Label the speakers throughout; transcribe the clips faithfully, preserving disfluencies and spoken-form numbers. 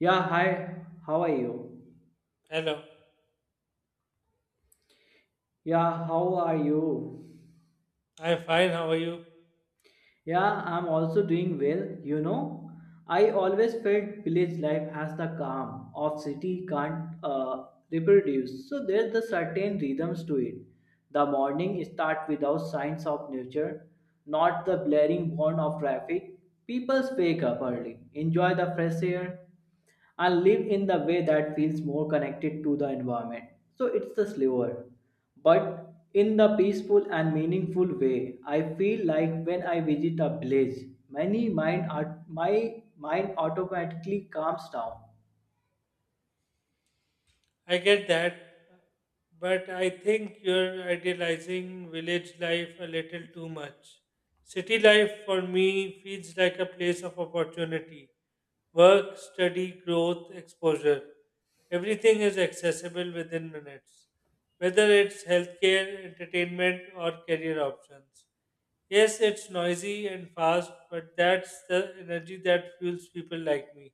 Speaker 1: Yeah, hi. How are you?
Speaker 2: Hello,
Speaker 1: Yeah, how are you?
Speaker 2: I'm fine. How are you?
Speaker 1: Yeah, I'm also doing well. You know, I always felt village life has the calm of city can't uh, reproduce. So there's the certain rhythms to it. The morning start without signs of nature, not the blaring horn of traffic. People wake up early, enjoy the fresh air, and live in the way that feels more connected to the environment. So it's the slower, but in the peaceful and meaningful way. I feel like when I visit a village, many mind are, my mind automatically calms down.
Speaker 2: I get that, but I think you're idealizing village life a little too much. City life for me feels like a place of opportunity work, study, growth, exposure. Everything is accessible within minutes, whether it's healthcare, entertainment, or career options. Yes, it's noisy and fast, but that's the energy that fuels people like me.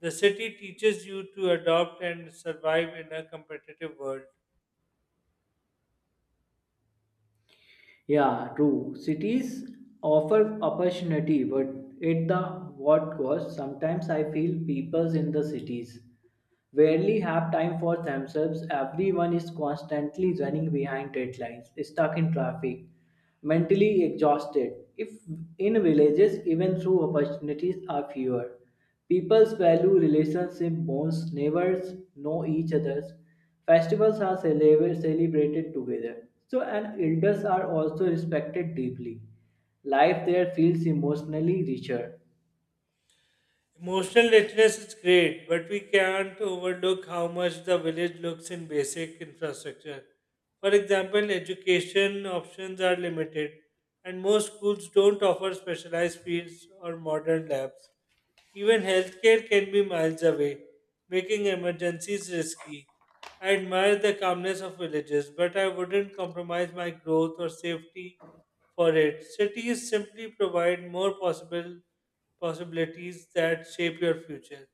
Speaker 2: The city teaches you to adapt and survive in a competitive world.
Speaker 1: Yeah, true. Cities offer opportunity, but at the what cost? Sometimes I feel people in the cities rarely have time for themselves. Everyone is constantly running behind deadlines, stuck in traffic, mentally exhausted. If in villages, even through opportunities are fewer. People's value relationship bonds, neighbors know each other's. Festivals are celebra- celebrated together. So, and elders are also respected deeply. Life there feels emotionally richer.
Speaker 2: Emotional literacy is great, but we can't overlook how much the village looks in basic infrastructure. For example, education options are limited, and most schools don't offer specialized fields or modern labs. Even healthcare can be miles away, making emergencies risky. I admire the calmness of villages, but I wouldn't compromise my growth or safety for it. Cities simply provide more possible possibilities that shape your future.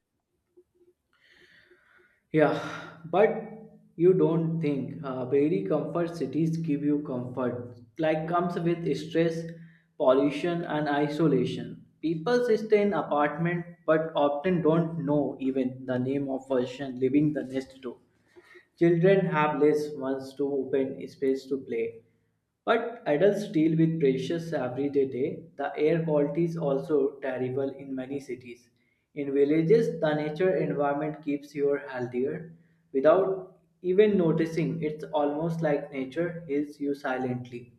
Speaker 1: Yeah, but you don't think uh, very comfort cities give you comfort. Like comes with stress, pollution, and isolation. People stay in apartment but often don't know even the name of person living the next door. Children have less ones to open space to play, but adults deal with precious everyday day. The air quality is also terrible in many cities. In villages, the nature environment keeps you healthier without even noticing. It's almost like nature heals you silently.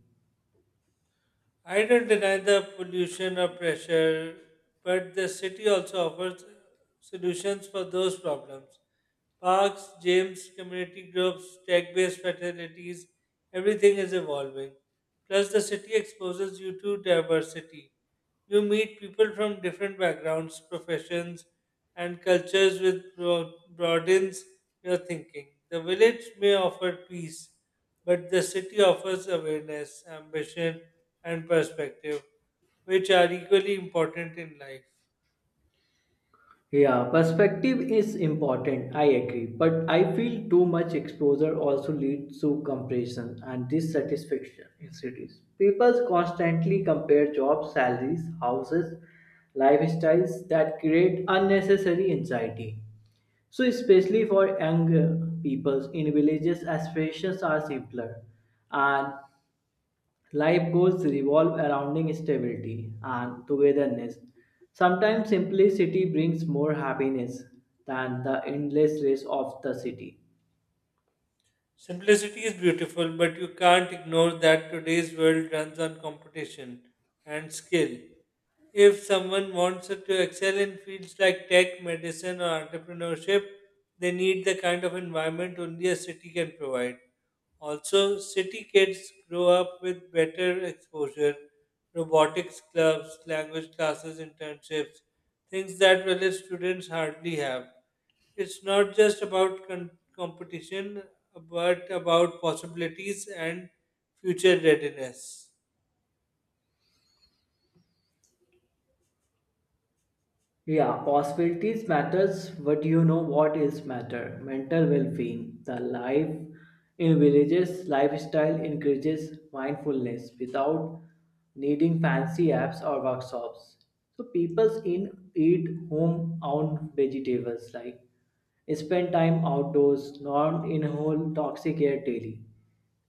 Speaker 2: I don't deny the pollution or pressure, but the city also offers solutions for those problems. Parks, gyms, community groups, tech based facilities, everything is evolving. Plus, the city exposes you to diversity. You meet people from different backgrounds, professions, and cultures, which broad- broadens your thinking. The village may offer peace, but the city offers awareness, ambition, and perspective, which are equally important in life.
Speaker 1: Yeah, perspective is important, I agree. But I feel too much exposure also leads to comparison and dissatisfaction in cities. People constantly compare jobs, salaries, houses, lifestyles that create unnecessary anxiety. So, especially for young uh, peoples in villages, aspirations are simpler and life goals revolve around stability and togetherness. Sometimes simplicity brings more happiness than the endless race of the city.
Speaker 2: Simplicity is beautiful, but you can't ignore that today's world runs on competition and skill. If someone wants to excel in fields like tech, medicine, or entrepreneurship, they need the kind of environment only a city can provide. Also, city kids grow up with better exposure, robotics clubs, language classes, internships, things that village students hardly have. It's not just about con- competition, but about possibilities and future readiness.
Speaker 1: Yeah, possibilities matters, but you know what is matter? Mental well-being. The life in villages lifestyle encourages mindfulness without needing fancy apps or workshops. So people in eat home-owned vegetables like spend time outdoors, not inhale toxic air daily.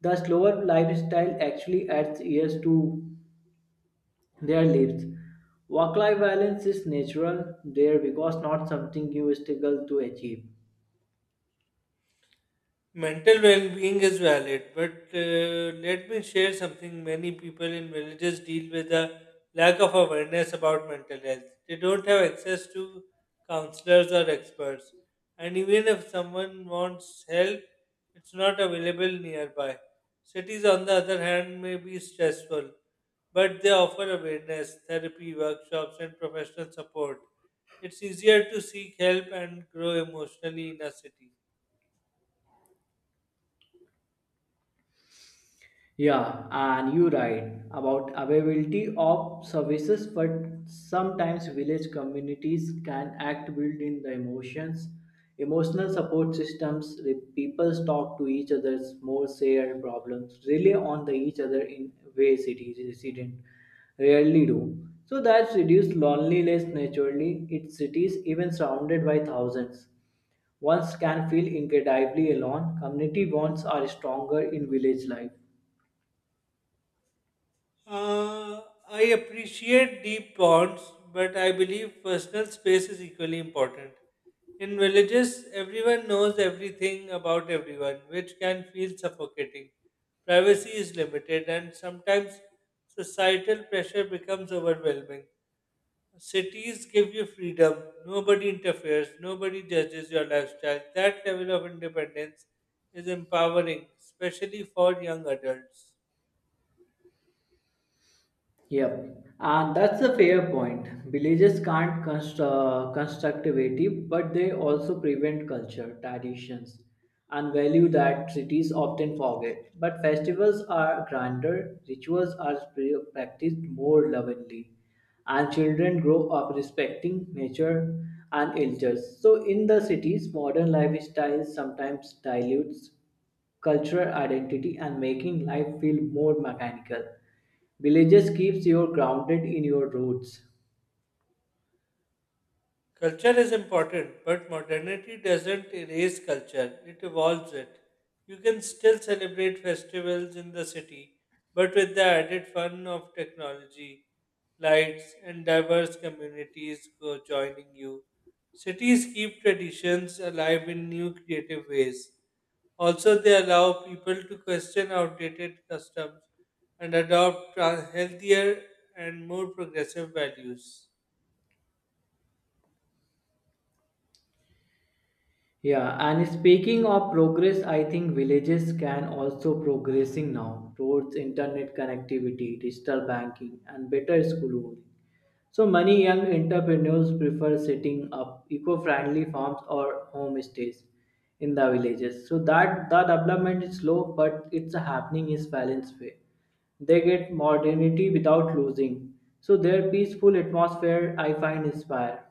Speaker 1: The slower lifestyle actually adds years to their lives. Work life balance is natural there because not something you struggle to achieve.
Speaker 2: Mental well-being is valid, but uh, let me share something. Many people in villages deal with a lack of awareness about mental health. They don't have access to counselors or experts, and even if someone wants help, it's not available nearby. Cities, on the other hand, may be stressful, but they offer awareness, therapy, workshops, and professional support. It's easier to seek help and grow emotionally in a city.
Speaker 1: Yeah, and you're right about availability of services, but sometimes village communities can act built in the emotions, emotional support systems. The people talk to each other, more share problems, rely on the each other in ways cities resident rarely do. So that's reduced loneliness naturally. Its cities, even surrounded by thousands, once can feel incredibly alone. Community bonds are stronger in village life.
Speaker 2: Uh, I appreciate deep bonds, but I believe personal space is equally important. In villages, everyone knows everything about everyone, which can feel suffocating. Privacy is limited, and sometimes societal pressure becomes overwhelming. Cities give you freedom, nobody interferes, nobody judges your lifestyle. That level of independence is empowering, especially for young adults.
Speaker 1: Yep, and that's a fair point. Villages can't const- uh, construct creative, but they also prevent culture, traditions, and value that cities often forget. But festivals are grander, rituals are pre- practiced more lovingly, and children grow up respecting nature and elders. So, in the cities, modern lifestyles sometimes dilutes cultural identity and making life feel more mechanical. Villages keeps you grounded in your roots.
Speaker 2: Culture is important, but modernity doesn't erase culture, it evolves it. You can still celebrate festivals in the city, but with the added fun of technology, lights, and diverse communities co- joining you. Cities keep traditions alive in new creative ways. Also, they allow people to question outdated customs and adopt tra- healthier and more progressive values.
Speaker 1: Yeah, and speaking of progress, I think villages can also progressing now towards internet connectivity, digital banking, and better school housing. So many young entrepreneurs prefer setting up eco-friendly farms or homestays in the villages. So that the development is slow, but it's happening is balanced way. They get modernity without losing. So their peaceful atmosphere I find inspire.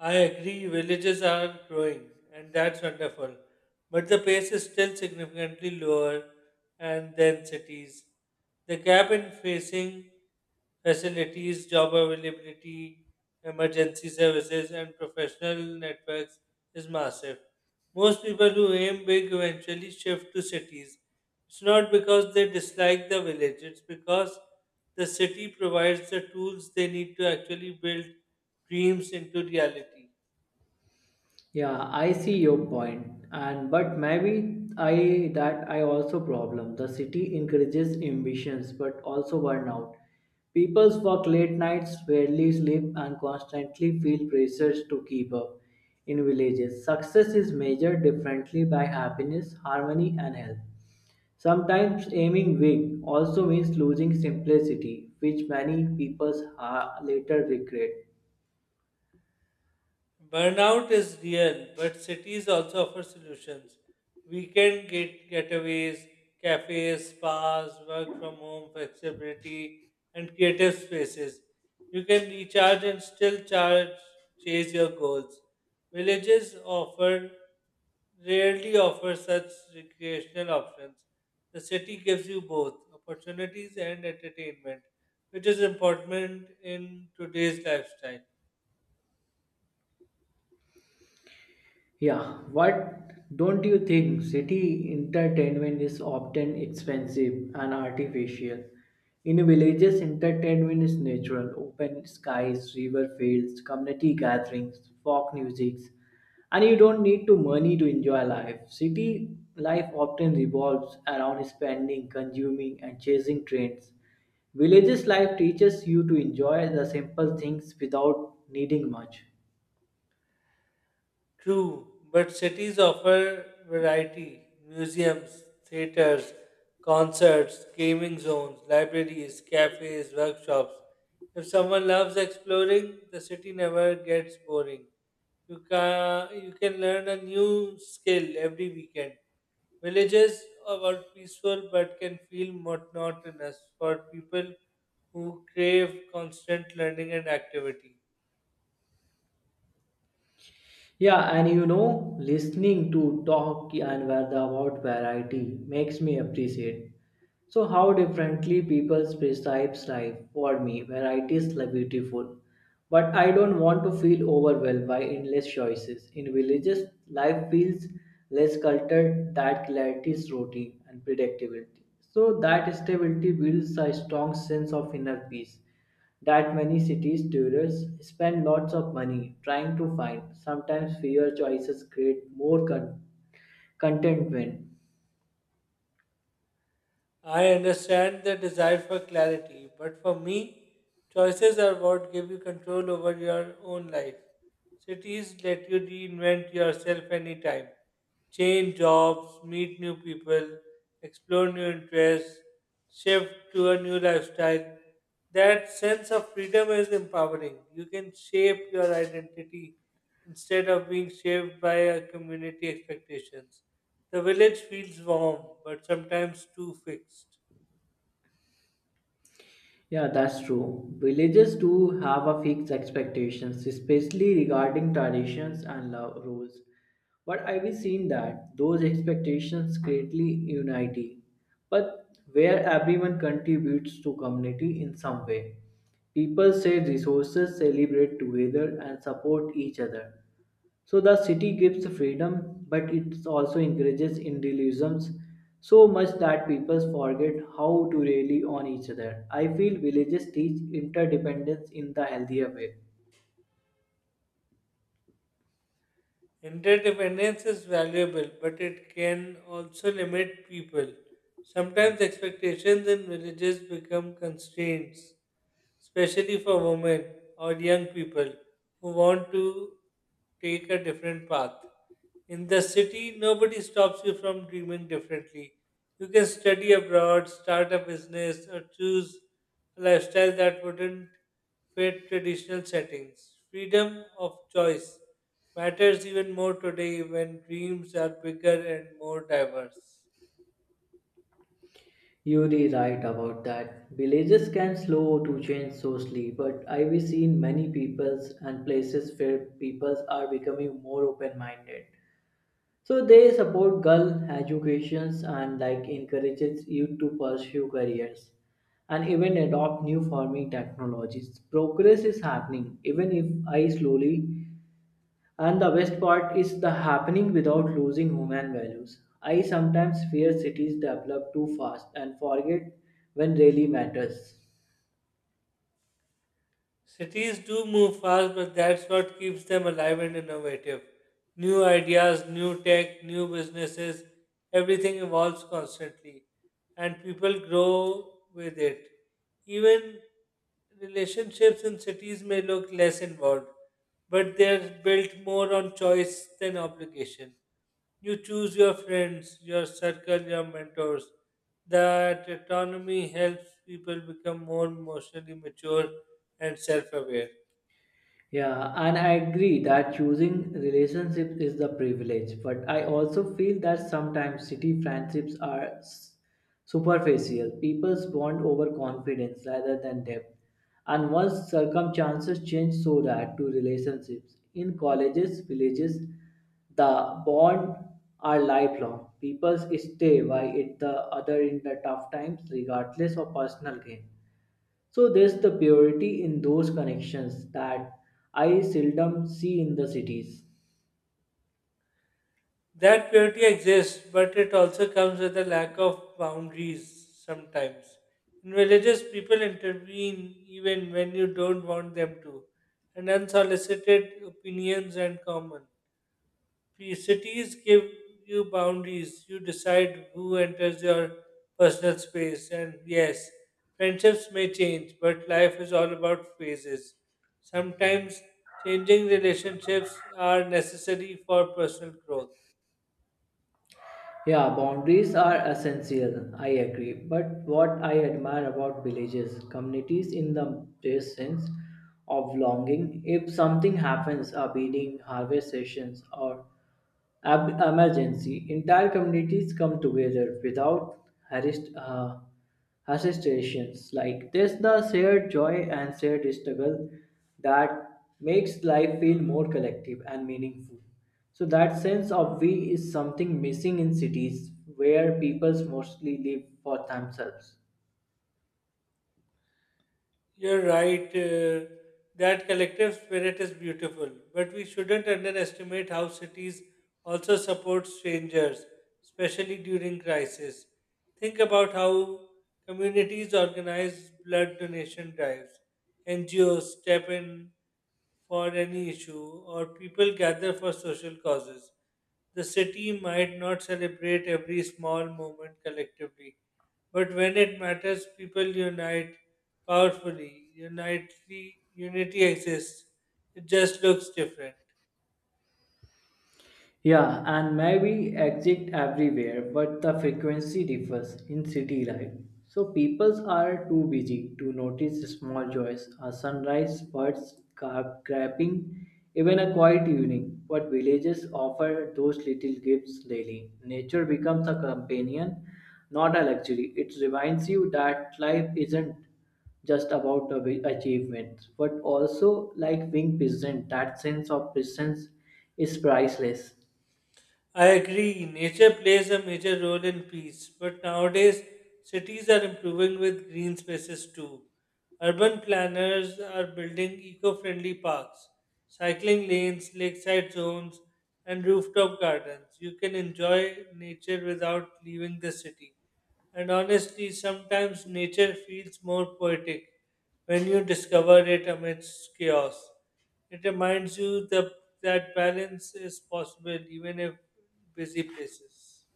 Speaker 2: I agree, villages are growing, and that's wonderful. But the pace is still significantly lower and than cities. The gap in facing facilities, job availability, emergency services, and professional networks is massive. Most people who aim big eventually shift to cities, it's not because they dislike the village, it's because the city provides the tools they need to actually build dreams into reality.
Speaker 1: Yeah, I see your point, and but maybe I that I also problem. The city encourages ambitions, but also burnout. People's work late nights, rarely sleep, and constantly feel pressures to keep up. In villages, success is measured differently by happiness, harmony, and health. Sometimes aiming big also means losing simplicity, which many people ha- later regret.
Speaker 2: Burnout is real, but cities also offer solutions. Weekend get getaways, cafes, spas, work from home, flexibility, and creative spaces. You can recharge and still charge, chase your goals. Villages offer rarely offer such recreational options. The city gives you both opportunities and entertainment, which is important in today's lifestyle.
Speaker 1: Yeah, what don't you think? City entertainment is often expensive and artificial. In villages, entertainment is natural open skies, river fields, community gatherings, folk music, and you don't need to money to enjoy life. City life often revolves around spending, consuming, and chasing trends. Villages life teaches you to enjoy the simple things without needing much.
Speaker 2: True, but cities offer variety museums, theaters, concerts, gaming zones, libraries, cafes, workshops. If someone loves exploring, the city never gets boring. You can, you can learn a new skill every weekend. Villages are peaceful but can feel monotonous for people who crave constant learning and activity.
Speaker 1: Yeah, and you know, listening to talk and where the about variety makes me appreciate. So how differently people perceives life for me, variety is like beautiful. But I don't want to feel overwhelmed by endless choices. In villages, life feels less cluttered, that clarity is routine and predictability. So that stability builds a strong sense of inner peace that many cities tourists spend lots of money trying to find sometimes fewer choices create more con- contentment.
Speaker 2: I understand the desire for clarity, but for me, choices are what give you control over your own life. Cities let you reinvent yourself anytime, change jobs, meet new people, explore new interests, shift to a new lifestyle that sense of freedom is empowering. You can shape your identity instead of being shaped by a community expectations. The village feels warm, but sometimes too fixed.
Speaker 1: Yeah, that's true. Villages do have a fixed expectations especially regarding traditions and love rules, but I have seen that those expectations greatly unity, but where everyone contributes to community in some way, people share resources celebrate together and support each other. So the city gives freedom, but it also encourages individualisms so much that people forget how to rely on each other. I feel villages teach interdependence in the healthier way.
Speaker 2: Interdependence is valuable, but it can also limit people. Sometimes expectations in villages become constraints especially for women or young people who want to take a different path. In the city, nobody stops you from dreaming differently. You can study abroad, start a business, or choose a lifestyle that wouldn't fit traditional settings. Freedom of choice matters even more today when dreams are bigger and more diverse.
Speaker 1: You're right about that. Villages can slow to change socially, but I've seen many peoples and places where peoples are becoming more open-minded. So they support girl educations and like encourages youth to pursue careers and even adopt new farming technologies. Progress is happening even if I slowly and the best part is the happening without losing human values. I sometimes fear cities develop too fast and forget when really matters.
Speaker 2: Cities do move fast, but that's what keeps them alive and innovative. New ideas, new tech, new businesses, everything evolves constantly, and people grow with it. Even relationships in cities may look less involved, but they're built more on choice than obligation. You choose your friends, your circle, your mentors. That autonomy helps people become more emotionally mature and self aware.
Speaker 1: Yeah, and I agree that choosing relationships is the privilege, but I also feel that sometimes city friendships are s- superficial. People's bond over confidence rather than depth. And once circumstances change so that to relationships in colleges, villages, the bond are lifelong. People stay by it the other in the tough times regardless of personal gain. So there's the purity in those connections that I seldom see in the cities.
Speaker 2: That purity exists, but it also comes with a lack of boundaries sometimes. In villages, people intervene even when you don't want them to, and unsolicited opinions and common. P- Cities give you boundaries. You decide who enters your personal space. And yes, friendships may change, but life is all about phases. Sometimes changing relationships are necessary for personal growth.
Speaker 1: Yeah, boundaries are essential, I agree. But what I admire about villages, communities in the their sense of longing. If something happens, a beating, harvest sessions, or ab- emergency, entire communities come together without harassed. Uh, associations. Like this the shared joy and shared struggle that makes life feel more collective and meaningful. So that sense of we is something missing in cities where people mostly live for themselves.
Speaker 2: You're right. Uh, that collective spirit is beautiful, but we shouldn't underestimate how cities also support strangers, especially during crisis. Think about how communities organize blood donation drives, N G Os step in for any issue, or people gather for social causes. The city might not celebrate every small moment collectively, but when it matters, people unite powerfully. Unity, unity exists. It just looks different.
Speaker 1: Yeah, and maybe exist everywhere, but the frequency differs in city life. So peoples are too busy to notice small joys, a sunrise, birds ca- craping, even a quiet evening. But villages offer those little gifts daily. Nature becomes a companion, not a luxury. It reminds you that life isn't just about the achievements, but also like being present. That sense of presence is priceless.
Speaker 2: I agree, nature plays a major role in peace, but nowadays cities are improving with green spaces too. Urban planners are building eco friendly parks, cycling lanes, lakeside zones, and rooftop gardens. You can enjoy nature without leaving the city. And honestly, sometimes nature feels more poetic when you discover it amidst chaos. It reminds you the, that balance is possible even if busy places.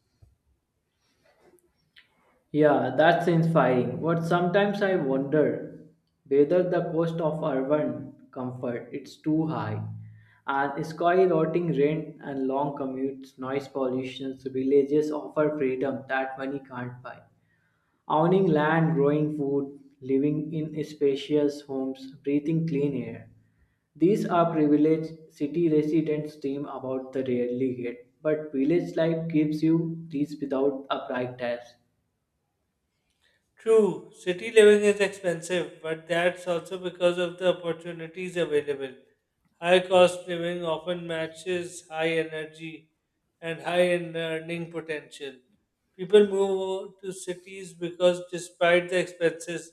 Speaker 1: Yeah, that's inspiring. But sometimes I wonder whether the cost of urban comfort is too high. And skyrocketing rent and long commutes, noise pollution, villages offer freedom that money can't buy. Owning land, growing food, living in spacious homes, breathing clean air. These are privileged city residents dream about the rarely get, but village life gives you these without a price tag.
Speaker 2: True, city living is expensive, but that's also because of the opportunities available. High cost living often matches high energy and high in earning potential. People move to cities because despite the expenses,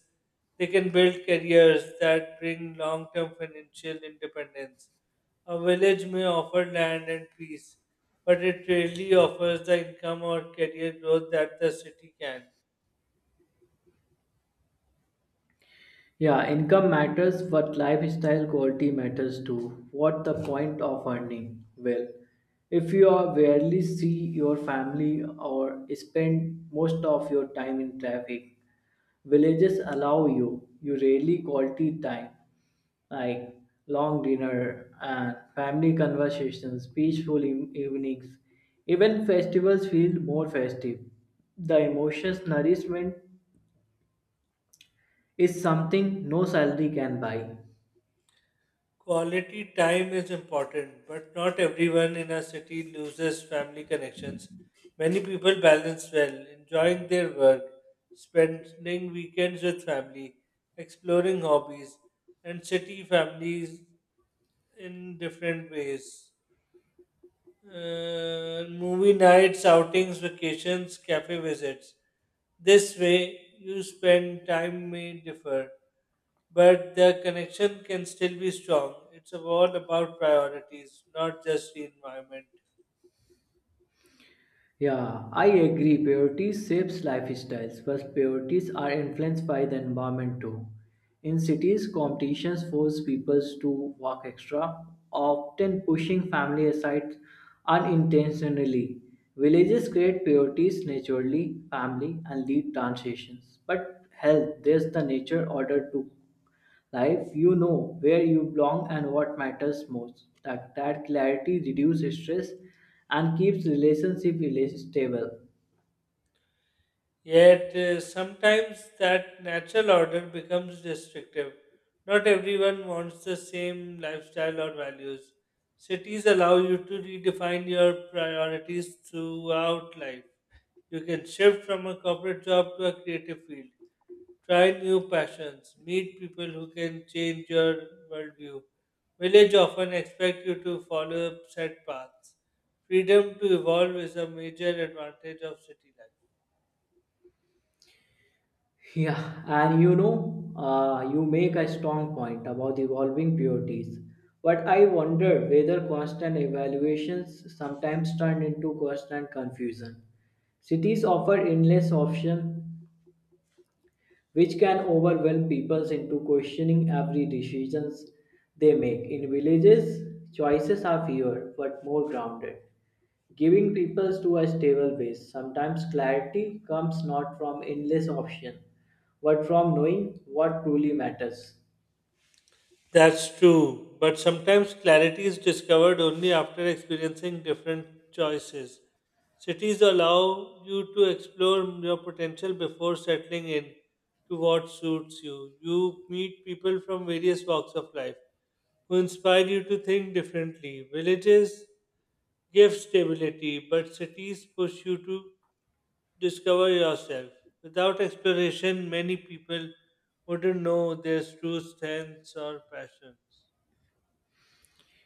Speaker 2: they can build careers that bring long term financial independence. A village may offer land and peace, but it rarely offers the income or career growth that the city can.
Speaker 1: Yeah, income matters, but lifestyle quality matters too. What the point of earning? Well, if you are rarely see your family or spend most of your time in traffic, villages allow you you rarely quality time like long dinner and family conversations, peaceful em- evenings. Even festivals feel more festive. The emotions nourishment is something no salary can buy.
Speaker 2: Quality time is important, but not everyone in our city loses family connections. Many people balance well, enjoying their work, spending weekends with family, exploring hobbies, and city families in different ways uh, movie nights, outings, vacations, cafe visits. This way, you spend time may differ, but the connection can still be strong. It's all about priorities, not just the environment.
Speaker 1: Yeah, I agree. Priorities shapes lifestyles, but priorities are influenced by the environment too. In cities, competitions force people to work extra, often pushing family aside unintentionally. Villages create priorities naturally, family, and lead transitions. But health, there's the nature order too life you know where you belong and what matters most that, that clarity reduces stress and keeps relationship rela- stable.
Speaker 2: Yet uh, sometimes that natural order becomes restrictive. Not everyone wants the same lifestyle or values. Cities allow you to redefine your priorities throughout life. You can shift from a corporate job to a creative field, try new passions, meet people who can change your worldview. Village often expect you to follow set paths. Freedom to evolve is a major advantage of city life.
Speaker 1: Yeah, and you know, uh, you make a strong point about evolving priorities, but I wonder whether constant evaluations sometimes turn into constant confusion. Cities offer endless options which can overwhelm people into questioning every decisions they make. In villages, choices are fewer but more grounded, giving people to a stable base. Sometimes clarity comes not from endless options, but from knowing what truly matters.
Speaker 2: That's true, but sometimes clarity is discovered only after experiencing different choices. Cities allow you to explore your potential before settling in to what suits you. You meet people from various walks of life who inspire you to think differently. Villages give stability, but cities push you to discover yourself. Without exploration, many people wouldn't know their true strengths or passions.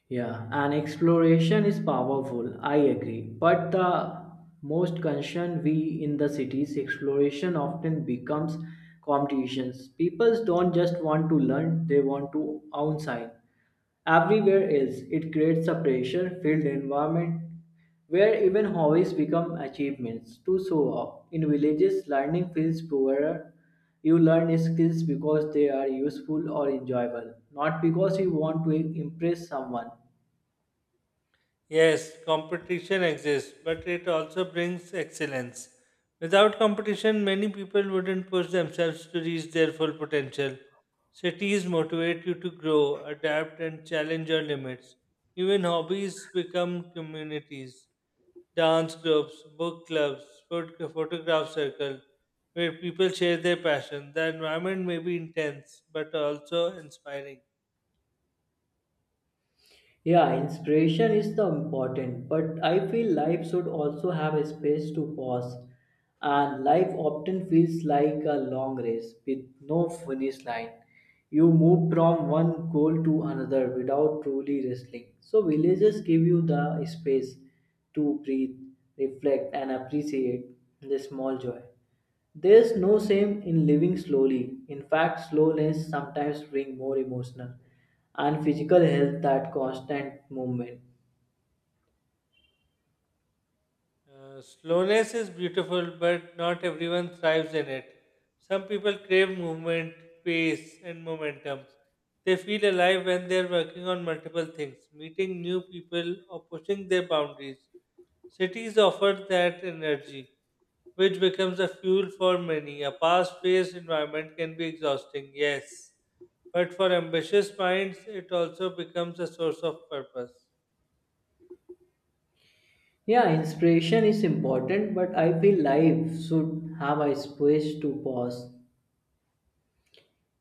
Speaker 1: Yeah, and exploration is powerful, I agree. But the most concern we in the cities, exploration often becomes competitions. People don't just want to learn, they want to own sign. Everywhere else, it creates a pressure filled environment where even hobbies become achievements to show off. In villages, learning feels poorer. You learn skills because they are useful or enjoyable, not because you want to impress someone.
Speaker 2: Yes, competition exists, but it also brings excellence. Without competition, many people wouldn't push themselves to reach their full potential. Cities motivate you to grow, adapt, and challenge your limits. Even hobbies become communities. Dance groups, book clubs, phot- photograph circle, where people share their passion. The environment may be intense, but also inspiring.
Speaker 1: Yeah, inspiration is the important, but I feel life should also have a space to pause. And life often feels like a long race with no finish line. You move from one goal to another without truly wrestling. So villages give you the space to breathe, reflect and appreciate the small joy. There's no shame in living slowly. In fact, slowness sometimes brings more emotional and physical health than constant movement.
Speaker 2: Uh, slowness is beautiful, but not everyone thrives in it. Some people crave movement, pace, and momentum. They feel alive when they're working on multiple things, meeting new people, or pushing their boundaries. Cities offer that energy, which becomes a fuel for many. A fast paced environment can be exhausting, yes, but for ambitious minds, it also becomes a source of purpose.
Speaker 1: Yeah, inspiration is important, but I feel life should have a space to pause.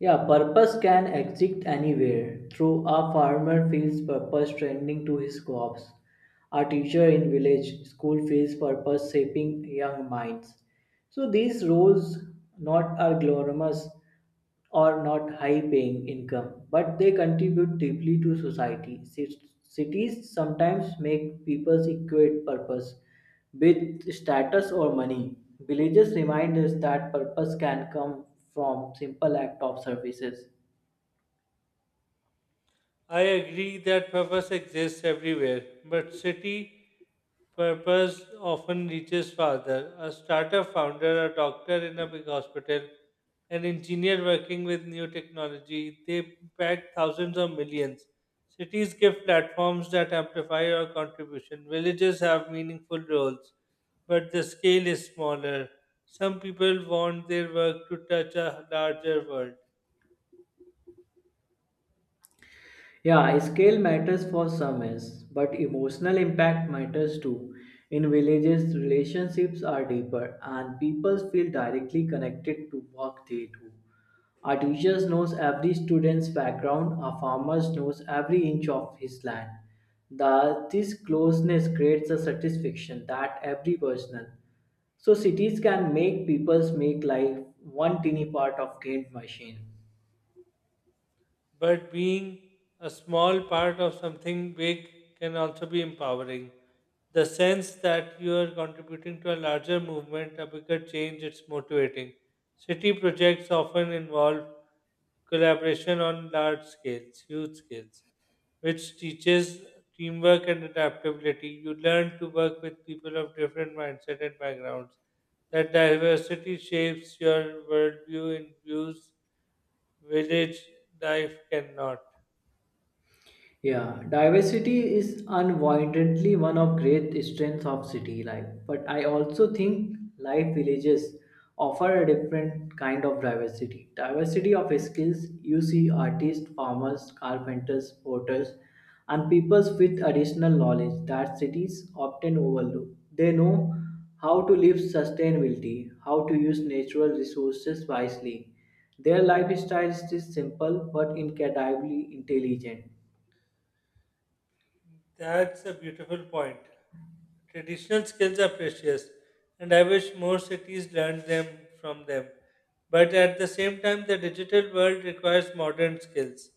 Speaker 1: Yeah, purpose can exist anywhere. Through a farmer feels purpose tending to his crops. A teacher in village school feels purpose shaping young minds. So these roles not are glamorous, or not high paying income, but they contribute deeply to society. Ci- Cities sometimes make people equate purpose with status or money. Villages remind us that purpose can come from simple act of services.
Speaker 2: I agree that purpose exists everywhere, but city purpose often reaches farther. A startup founder, a doctor in a big hospital, an engineer working with new technology, they pack thousands or millions. Cities give platforms that amplify our contribution. Villages have meaningful roles, but the scale is smaller. Some people want their work to touch a larger world.
Speaker 1: Yeah, scale matters for some yes, but emotional impact matters too. In villages, relationships are deeper and people feel directly connected to work they do. Our teachers knows every student's background, our farmers knows every inch of his land. The, this closeness creates a satisfaction that every personal. So cities can make people's make life one teeny part of gained machine.
Speaker 2: But being a small part of something big can also be empowering. The sense that you are contributing to a larger movement, a bigger change, it's motivating. City projects often involve collaboration on large scales, huge scales, which teaches teamwork and adaptability. You learn to work with people of different mindset and backgrounds. That diversity shapes your worldview in views village life cannot.
Speaker 1: Yeah, diversity is unavoidably one of great strengths of city life. But I also think life villages offer a different kind of diversity. Diversity of skills, you see artists, farmers, carpenters, porters, and peoples with additional knowledge that cities often overlook. They know how to live sustainability, how to use natural resources wisely. Their lifestyle is simple but incredibly intelligent.
Speaker 2: That's a beautiful point. Traditional skills are precious, and I wish more cities learned them from them. But at the same time, the digital world requires modern skills,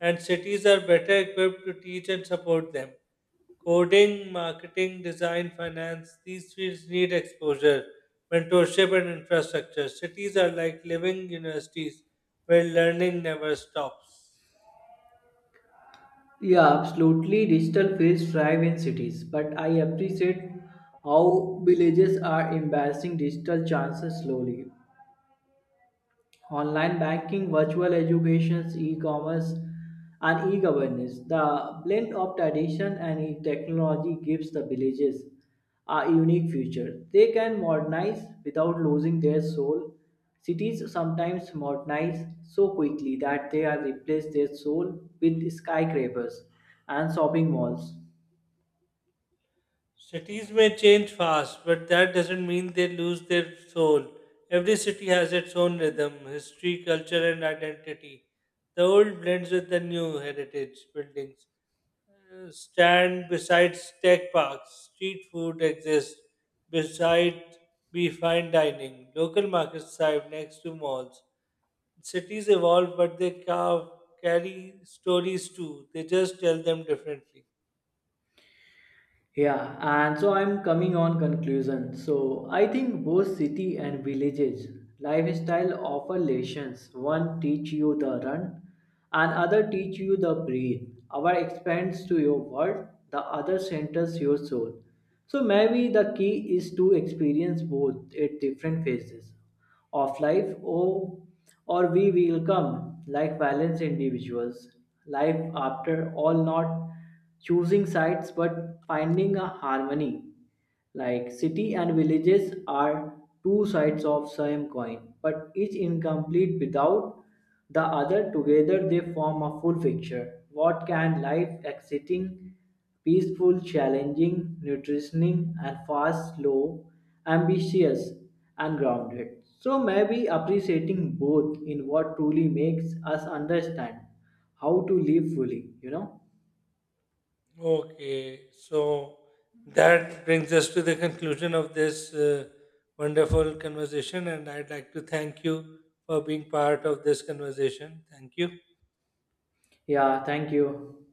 Speaker 2: and cities are better equipped to teach and support them. Coding, marketing, design, finance, these fields need exposure, mentorship, and infrastructure. Cities are like living universities where learning never stops.
Speaker 1: Yeah, absolutely. Digital fields thrive in cities, but I appreciate how villages are embracing digital chances slowly online banking, virtual educations, e-commerce, and e-governance. The blend of tradition and e- technology gives the villages a unique future. They can modernize without losing their soul. Cities sometimes modernize so quickly that they are replace their soul with skyscrapers and shopping malls.
Speaker 2: Cities may change fast, but that doesn't mean they lose their soul. Every city has its own rhythm, history, culture, and identity. The old blends with the new heritage buildings. Uh, Stand beside tech parks. Street food exists beside be fine dining. Local markets thrive next to malls. Cities evolve, but they ca- carry stories too. They just tell them differently.
Speaker 1: Yeah, and so I'm coming on conclusion. So I think both city and villages lifestyle offer lessons. One teach you the run, and other teach you the breathe. Our expands to your world, the other centers your soul. So maybe the key is to experience both at different phases of life, or or we will come like balanced individuals. Life after all, not choosing sites but finding a harmony, like city and villages are two sides of same coin but each incomplete without the other, together they form a full picture, what can life exciting, peaceful, challenging, nutritioning, and fast slow, ambitious, and grounded. So maybe appreciating both in what truly makes us understand how to live fully, you know.
Speaker 2: Okay, so that brings us to the conclusion of this uh, wonderful conversation, and I'd like to thank you for being part of this conversation. Thank you.
Speaker 1: Yeah, thank you.